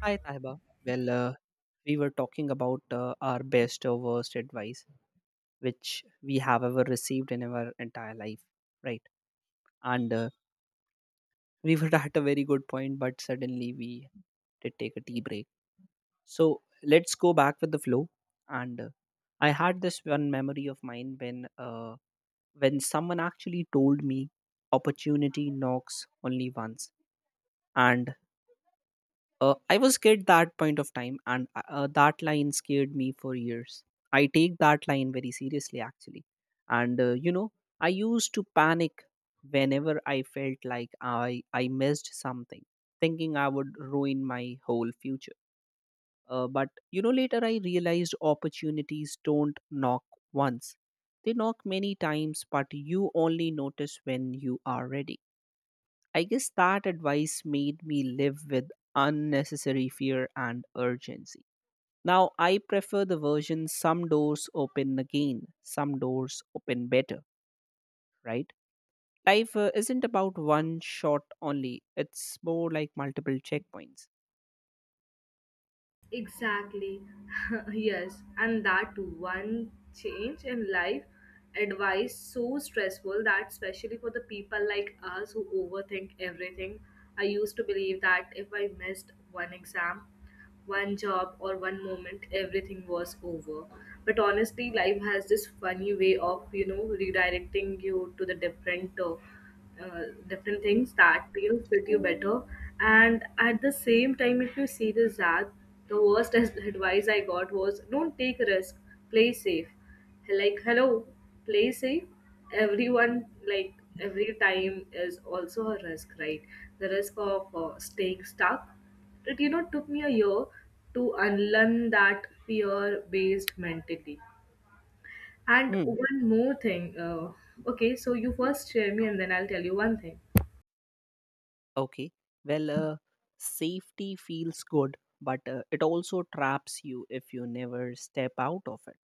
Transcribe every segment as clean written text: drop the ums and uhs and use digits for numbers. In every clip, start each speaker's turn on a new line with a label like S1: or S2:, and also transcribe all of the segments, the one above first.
S1: Hi, Tahiba. Well, uh, we were talking about our best or worst advice which we have ever received in our entire life, right? And we were at a very good point, but suddenly we did take a tea break. So let's go back with the flow. And I had this one memory of mine when someone actually told me opportunity knocks only once, and I was scared that point of time, and that line scared me for years. I take that line very seriously, actually. And uh, you know, I used to panic whenever I felt like I missed something, thinking I would ruin my whole future. But you know, later I realized opportunities don't knock once; they knock many times. But you only notice when you are ready. I guess that advice made me live with unnecessary fear and urgency. Now, I prefer the version some doors open again, some doors open better, right? Life isn't about one shot only, it's more like multiple checkpoints.
S2: Exactly. Yes, and that one change in life advice so stressful that especially for the people like us who overthink everything. I used to believe that if I missed one exam, one job or one moment everything was over. But honestly, life has this funny way of, redirecting you to the different different things that deals fit you better. And at the same time, if you see this ad, the worst advice I got was don't take risk, play safe. Like, hello, play safe. Everyone, like, every time is also a risk, right? The risk of staying stuck. It took me a year to unlearn that fear based mentality. And
S1: Mm,
S2: one more thing, okay, so you first share me and then I'll tell you one thing.
S1: okay, well, uh, safety feels good, but it also traps you if you never step out of it.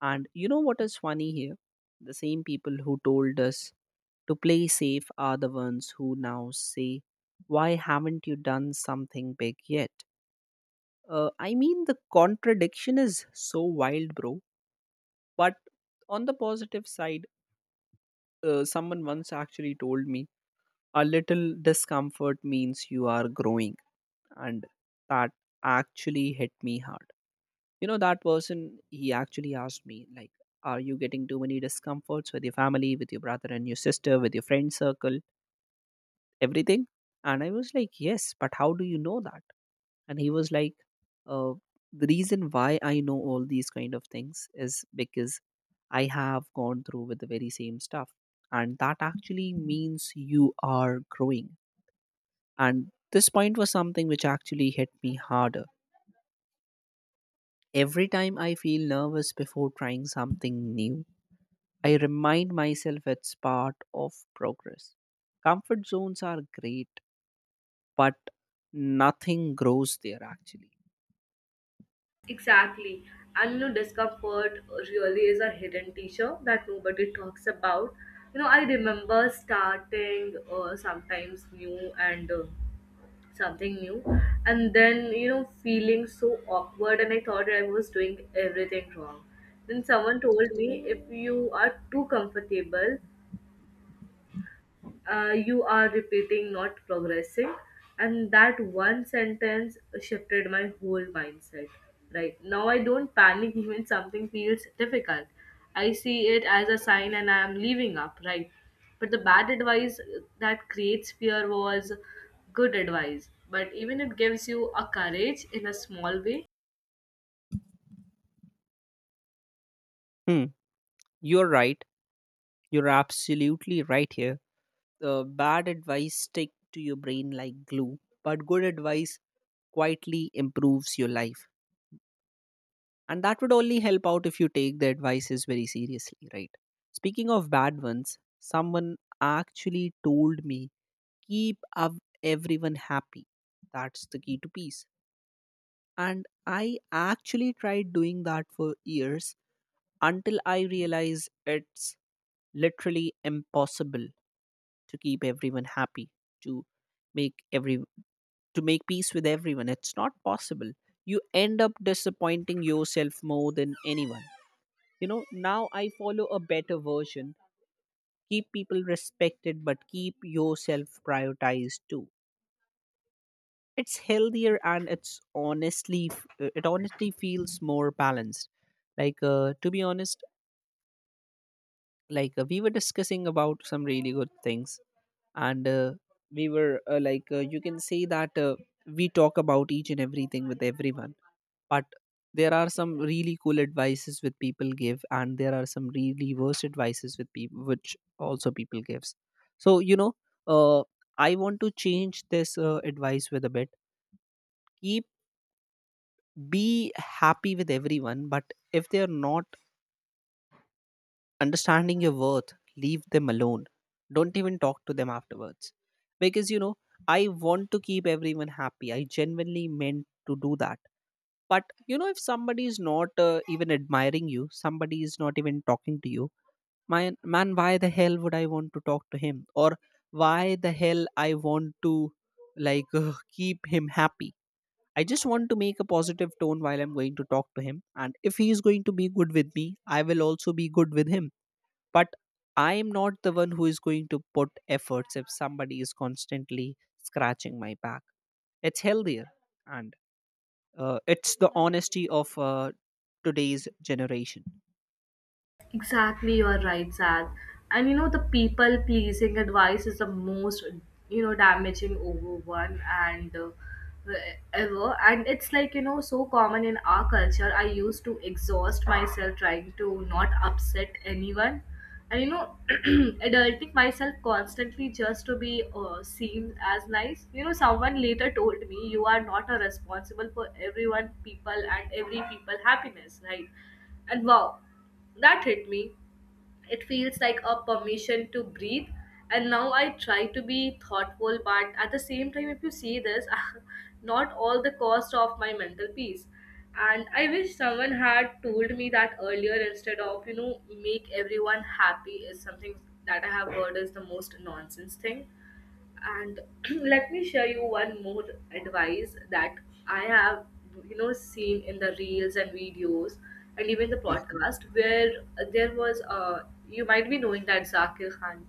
S1: And you know what is funny here? The same people who told us to play safe are the ones who now say, why haven't you done something big yet? I mean, the contradiction is so wild, bro. But on the positive side, someone once actually told me, a little discomfort means you are growing. And that actually hit me hard. You know that person, he actually asked me, like, are you getting too many discomforts with your family, with your brother and your sister, with your friend circle, everything? And I was like, yes, but how do you know that? And he was like, uh, the reason why I know all these kind of things is because I have gone through with the very same stuff, and that actually means you are growing. And this point was something which actually hit me harder. Every time I feel nervous before trying something new, I remind myself it's part of progress. Comfort zones are great, but nothing grows there actually.
S2: Exactly. And you know, discomfort really is a hidden teacher that nobody talks about. You know, I remember starting sometimes new and something new, and then, you know, feeling so awkward, and I thought I was doing everything wrong. Then someone told me if you are too comfortable, you are repeating, not progressing. And that one sentence shifted my whole mindset. Right now, I don't panic even something feels difficult. I see it as a sign and I am leaving up. Right. But the bad advice that creates fear was good advice. But even it gives you a courage in a small way.
S1: Hmm. You're right. You're absolutely right here. Bad advice stick to your brain like glue, but good advice quietly improves your life. And that would only help out if you take the advices very seriously, right? Speaking of bad ones, someone actually told me, everyone happy. That's the key to peace. And I actually tried doing that for years until I realized it's literally impossible to keep everyone happy, to make every to make peace with everyone. It's not possible. You end up disappointing yourself more than anyone. You know, now I follow a better version: keep people respected but keep yourself prioritized too. It's healthier and it's honestly it honestly feels more balanced. Like, to be honest, like, we were discussing about some really good things, and we were, like, you can say that we talk about each and everything with everyone. But there are some really cool advices which people give, and there are some really worse advices with people which also people gives. So you know, uh, I want to change this advice with a bit. Keep Be happy with everyone, but if they are not understanding your worth, leave them alone. Don't even talk to them afterwards. Because, you know, I want to keep everyone happy, I genuinely meant to do that. But you know, if somebody is not even admiring you, somebody is not even talking to you, man, why the hell would I want to talk to him, or why the hell I want to, like, keep him happy? I just want to make a positive tone while I'm going to talk to him. And if he is going to be good with me, I will also be good with him. But I am not the one who is going to put efforts if somebody is constantly scratching my back. It's healthier, and it's the honesty of today's generation.
S2: Exactly, you are right, Sad. And you know, the people pleasing advice is the most, you know, damaging over one and ever. And it's like, you know, so common in our culture. I used to exhaust myself trying to not upset anyone. And you know, adulting myself constantly just to be seen as nice. You know, someone later told me you are not a responsible for everyone, people, and every people happiness, right? And wow. That hit me. It feels like a permission to breathe. And now I try to be thoughtful, but at the same time, if you see this, not all the cost of my mental peace. And I wish someone had told me that earlier instead of, you know, make everyone happy is something that I have heard is the most nonsense thing. And let me share you one more advice that I have, you know, seen in the reels and videos and even the
S1: Mhm.
S2: podcast where there was you might be knowing that Zakir Khan,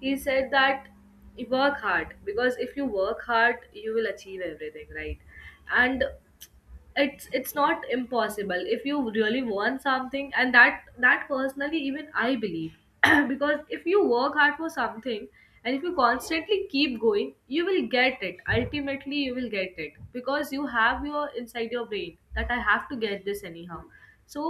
S2: he said that you work hard because if you work hard you will achieve everything, right? And it's not impossible if you really want something. And that personally even I believe, because if you work hard for something and if you constantly keep going you will get it, ultimately you will get it, because you have your inside your brain that I have to get this anyhow. So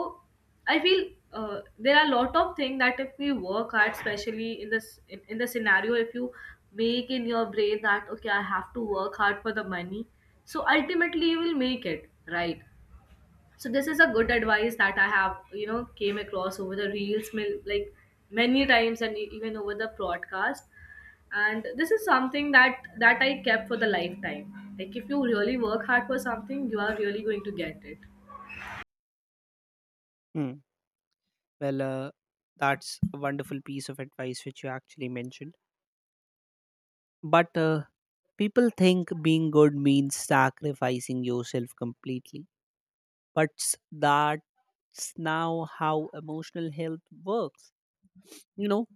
S2: I feel there are a lot of things that if we work hard, especially in the scenario, if you make in your brain that okay, I have to work hard for the money, so ultimately you will make it, right? So this is a good advice that I have, you know, came across over the reels, like many times, and even over the broadcast. And this is something that I kept for the lifetime. Like if you really work hard for something, you are really going to get it.
S1: Mm. Well, uh, that's a wonderful piece of advice which you actually mentioned. But people think being good means sacrificing yourself completely. But s- that's now how emotional health works. You know,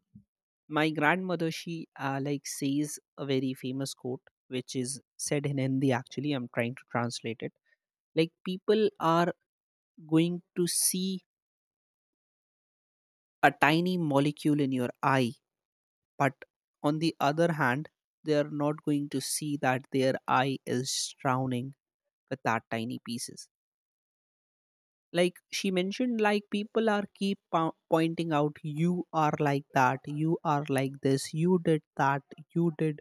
S1: my grandmother, she like says a very famous quote, which is said in Hindi actually. I'm trying to translate it. Like, people are going to see a tiny molecule in your eye, but on the other hand, they are not going to see that their eye is drowning with that tiny pieces. Like she mentioned, like, people are pointing out you are like that, you are like this, you did that, you did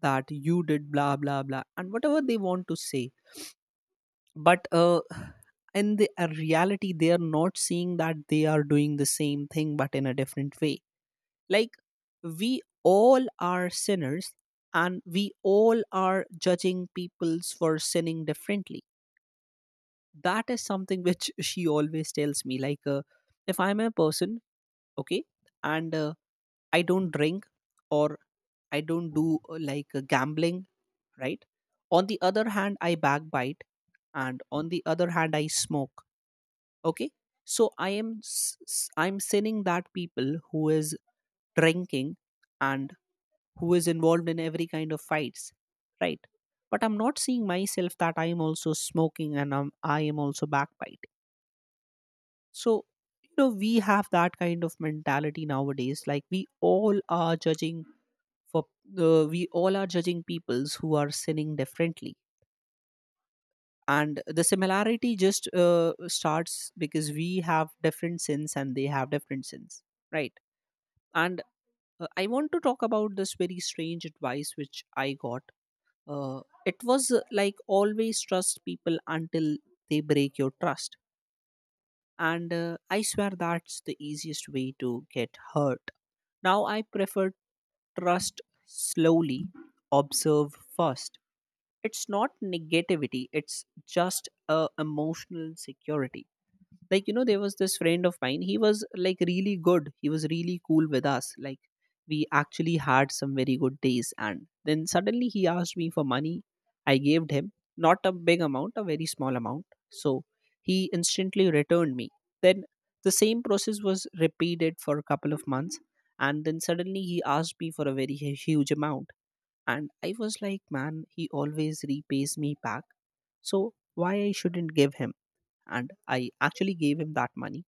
S1: that, you did blah blah blah, and whatever they want to say. But in the reality, they are not seeing that they are doing the same thing but in a different way. Like, we all are sinners, and we all are judging peoples for sinning differently. That is something which she always tells me. Like, if I'm a person, okay, and I don't drink, or I don't do, like, gambling, right? On the other hand, I backbite, and on the other hand, I smoke, okay? So I am I'm sinning that people who is drinking and who is involved in every kind of fights, right? But I'm not seeing myself that I am also smoking and I am also backbiting. So, you know, we have that kind of mentality nowadays. Like, we all are judging for, we all are judging peoples who are sinning differently, and the similarity just starts because we have different sins and they have different sins, right? And I want to talk about this very strange advice which I got. It was, like, always trust people until they break your trust. And I swear that's the easiest way to get hurt. Now I prefer: trust slowly, observe first. It's not negativity, it's just a emotional security. Like, you know, there was this friend of mine, he was like really good, he was really cool with us. Like, we actually had some very good days, and then suddenly he asked me for money. I gave him, not a big amount, a very small amount. So he instantly returned me. Then the same process was repeated for a couple of months, and then suddenly he asked me for a very huge amount. And I was like, man, he always repays me back, so why I shouldn't give him? And I actually gave him that money.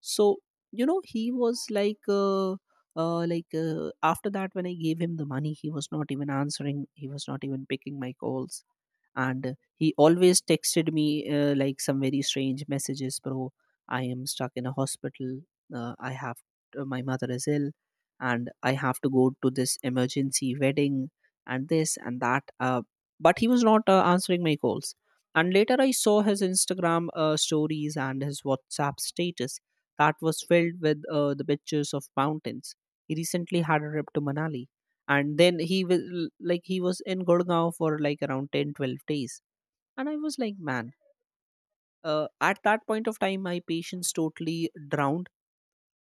S1: So you know, he was like, after that, when I gave him the money, he was not even answering. He was not even picking my calls. And he always texted me like some very strange messages. Bro, I am stuck in a hospital, I have, my mother is ill, and I have to go to this emergency wedding, and this and that. But he was not answering my calls. And later, I saw his Instagram stories and his WhatsApp status, that was filled with the pictures of mountains. He recently had a trip to Manali, and then he will like, he was in Gurgaon for like around 10, 12 days. And I was like, man, at that point of time, my patience totally drowned.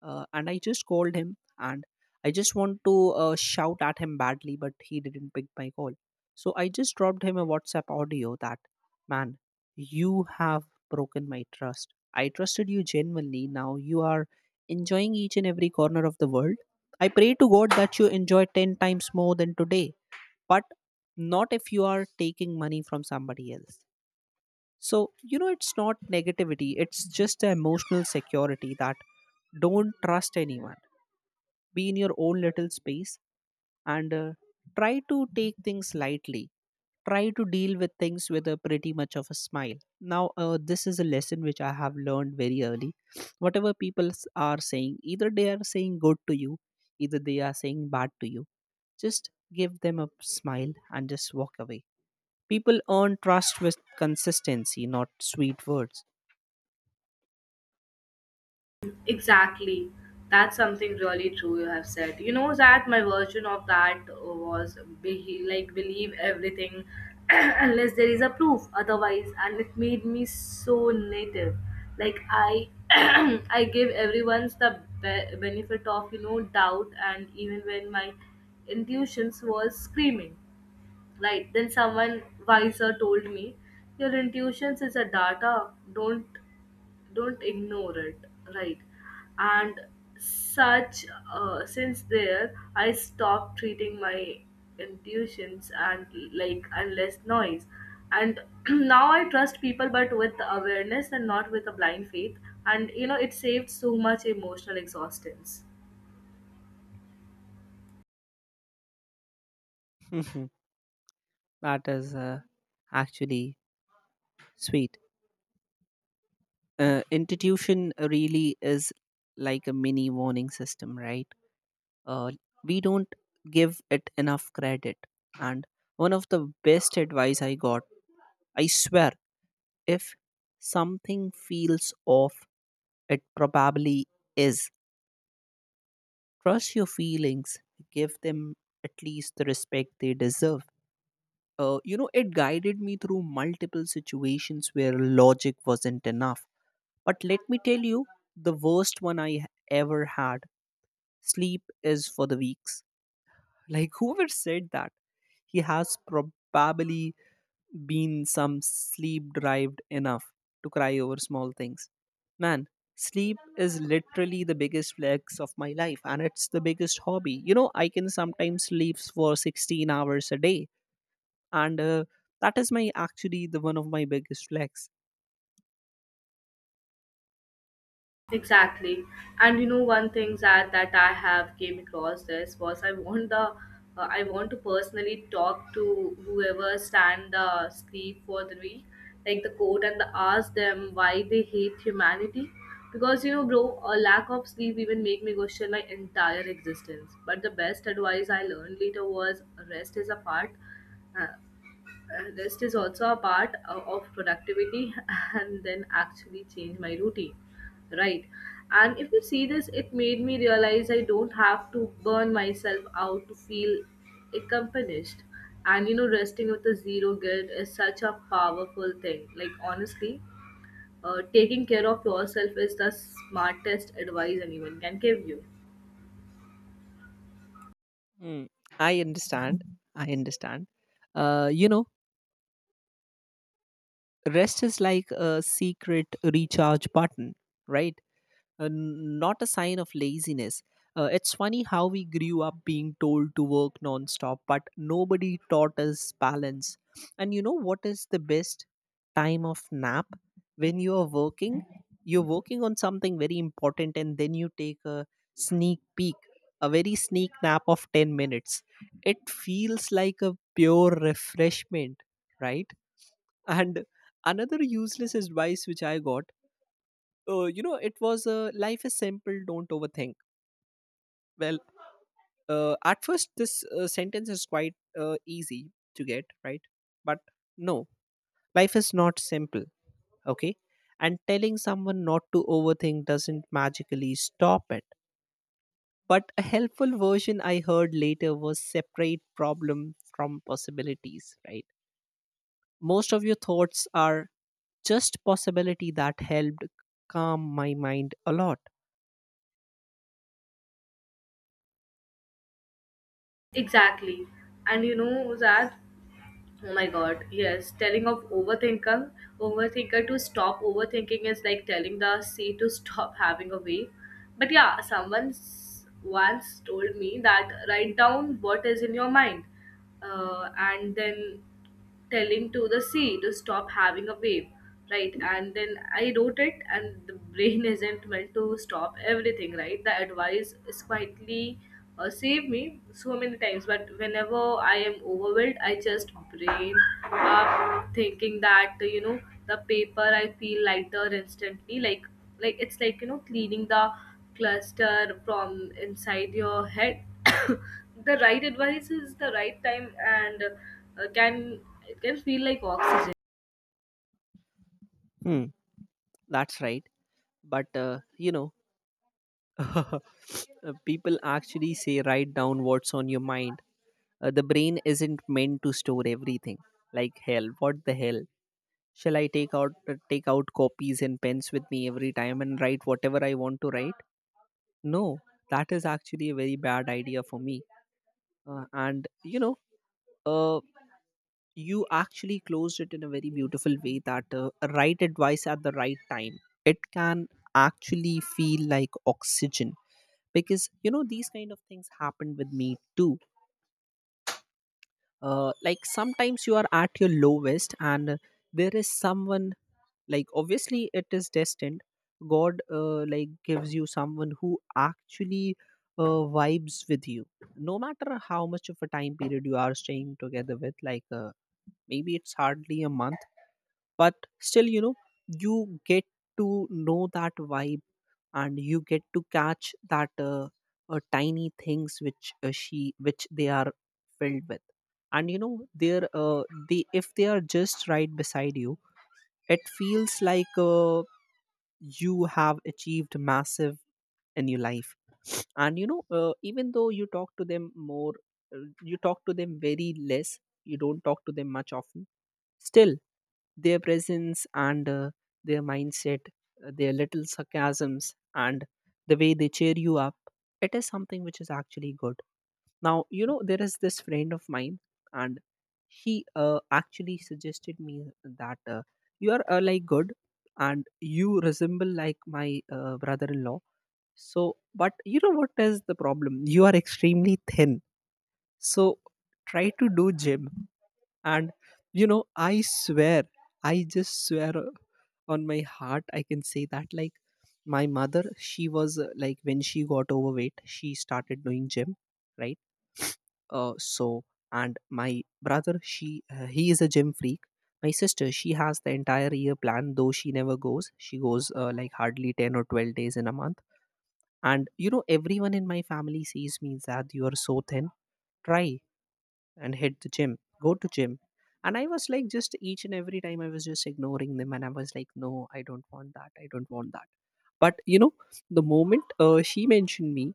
S1: And I just called him, and I just want to shout at him badly, but he didn't pick my call. So I just dropped him a WhatsApp audio that, man, you have broken my trust. I trusted you genuinely, now you are enjoying each and every corner of the world. I pray to God that you enjoy 10 times more than today, but not if you are taking money from somebody else. So you know, it's not negativity, it's just the emotional security that don't trust anyone, be in your own little space, and try to take things lightly, try to deal with things with a pretty much of a smile. Now this is a lesson which I have learned very early. Whatever people are saying, either they are saying good to you, either they are saying bad to you, just give them a smile and just walk away. People earn trust with consistency, not sweet words.
S2: Exactly. That's something really true you have said. You know that my version of that was like believe everything unless there is a proof otherwise, and it made me so native. Like I I give everyone's the benefit of you know doubt, and even when my intuitions was screaming. Right, then someone wiser told me your intuitions is a data. Don't ignore it, right? And such, since there I stopped treating my intuitions and like and less noise, and now I trust people but with awareness and not with a blind faith. And you know it saved so much emotional exhaustions.
S1: Mhm. That is, actually, sweet. Institution really is like a mini warning system, right? Uh, we don't give it enough credit. And one of the best advice I got, I swear, if something feels off, it probably is. Trust your feelings, give them at least the respect they deserve. You know, it guided me through multiple situations where logic wasn't enough. But let me tell you, the worst one ever had sleep is for the weeks. Like, whoever said that, he has probably been some sleep deprived enough to cry over small things. Man, sleep is literally the biggest flex of my life, and it's the biggest hobby. You know, I can sometimes sleep for 16 hours a day and that is my actually the one of my biggest flex.
S2: Exactly. And you know one thing that I have came across this was I want the I want to personally talk to whoever stand the sleep for the week, like the court and the ask them why they hate humanity. Because you know, bro, a lack of sleep even make me question my entire existence. But the best advice I learned later was rest is a part. uh, Rest is also a part of productivity. And then actually change my routine, right? And if you see this it made me realize I don't have to burn myself out to feel accomplished. And you know resting with a zero guilt is such a powerful thing, like, honestly, taking care of yourself is the smartest advice anyone can give you.
S1: Mm, I understand. i understand you know, rest is like a secret recharge button, right, not a sign of laziness. It's funny how we grew up being told to work nonstop, but nobody taught us balance. And you know what is the best time of nap? When you are working, you're working on something very important, and then you take a sneak peek, a very sneak nap of 10 minutes. It feels like a pure refreshment, right? And another useless advice which I got, you know, it was, life is simple, don't overthink. Well, at first this sentence is quite easy to get right, but no, life is not simple, okay, and telling someone not to overthink doesn't magically stop it. But a helpful version I heard later was separate problem from possibilities, right? Most of your thoughts are just possibility. That helped calm my mind a lot.
S2: Exactly. And you know that, oh my god, yes. Telling of overthinker to stop overthinking is like telling the sea to stop having a wave. But yeah, someone once told me that write down what is in your mind, and then telling to the sea to stop having a wave, right? And then I wrote it and the brain isn't meant to stop everything, right? The advice is quietly saved me so many times, but whenever I am overwhelmed I just brain up thinking that you know the paper I feel lighter instantly, like it's like you know cleaning the cluster from inside your head. The right advice is the right time and can, it can feel like oxygen.
S1: Hmm, that's right. But you know, uh, people actually say write down what's on your mind. The brain isn't meant to store everything. Like hell, what the hell? Shall I take out take out copies and pens with me every time and write whatever I want to write? No, that is actually a very bad idea for me. And you know, uh, you actually closed it in a very beautiful way that, a right advice at the right time, it can actually feel like oxygen. Because you know these kind of things happened with me too, like sometimes you are at your lowest and, there is someone, like obviously it is destined, god, like gives you someone who actually vibes with you no matter how much of a time period you are staying together with, like maybe it's hardly a month. But still, you know, you get to know that vibe, and you get to catch that, tiny things which, she which they are filled with. And you know they're, they, if they are just right beside you, it feels like, you have achieved massive in your life. And you know, even though you talk to them more, you talk to them very less, you don't talk to them much often, still, their presence and, their mindset, their little sarcasms and the way they cheer you up, it is something which is actually good. Now, you know, there is this friend of mine, and she actually suggested me that, you are, like good, and you resemble like my brother in law. So, but you know what is the problem? You are extremely thin. So, try to do gym. And, you know, I swear, I just swear on my heart, I can say that, like, my mother, she was, like, when she got overweight she started doing gym, right. So, and my brother she he is a gym freak. My sister, she has the entire year plan, though she never goes. She goes like hardly 10 or 12 days in a month. And you know everyone in my family sees me that you are so thin, try and hit the gym, go to gym. And I was like, just each and every time I was just ignoring them, and I was like, no, I don't want that, I don't want that. But you know, the moment she mentioned me,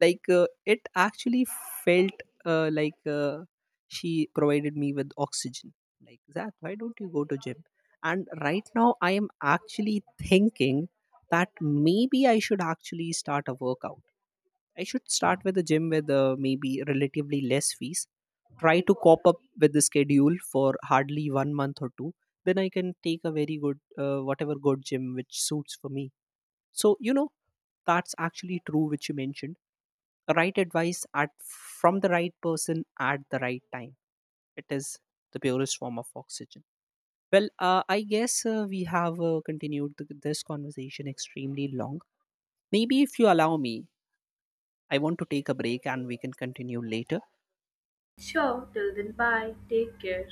S1: like, it actually felt, she provided me with oxygen, like, Zach, why don't you go to gym. And right now I am actually thinking that maybe I should actually start a workout. I should start with a gym with, maybe relatively less fees. Try to cop up with the schedule for hardly one month or two. Then I can take a very good, whatever good gym which suits for me. So you know that's actually true, which you mentioned. Right advice at from the right person at the right time. It is the purest form of oxygen. Well, I guess we have continued this conversation extremely long. Maybe if you allow me, I want to take a break and we can continue later.
S2: Sure, till then, bye. Take care.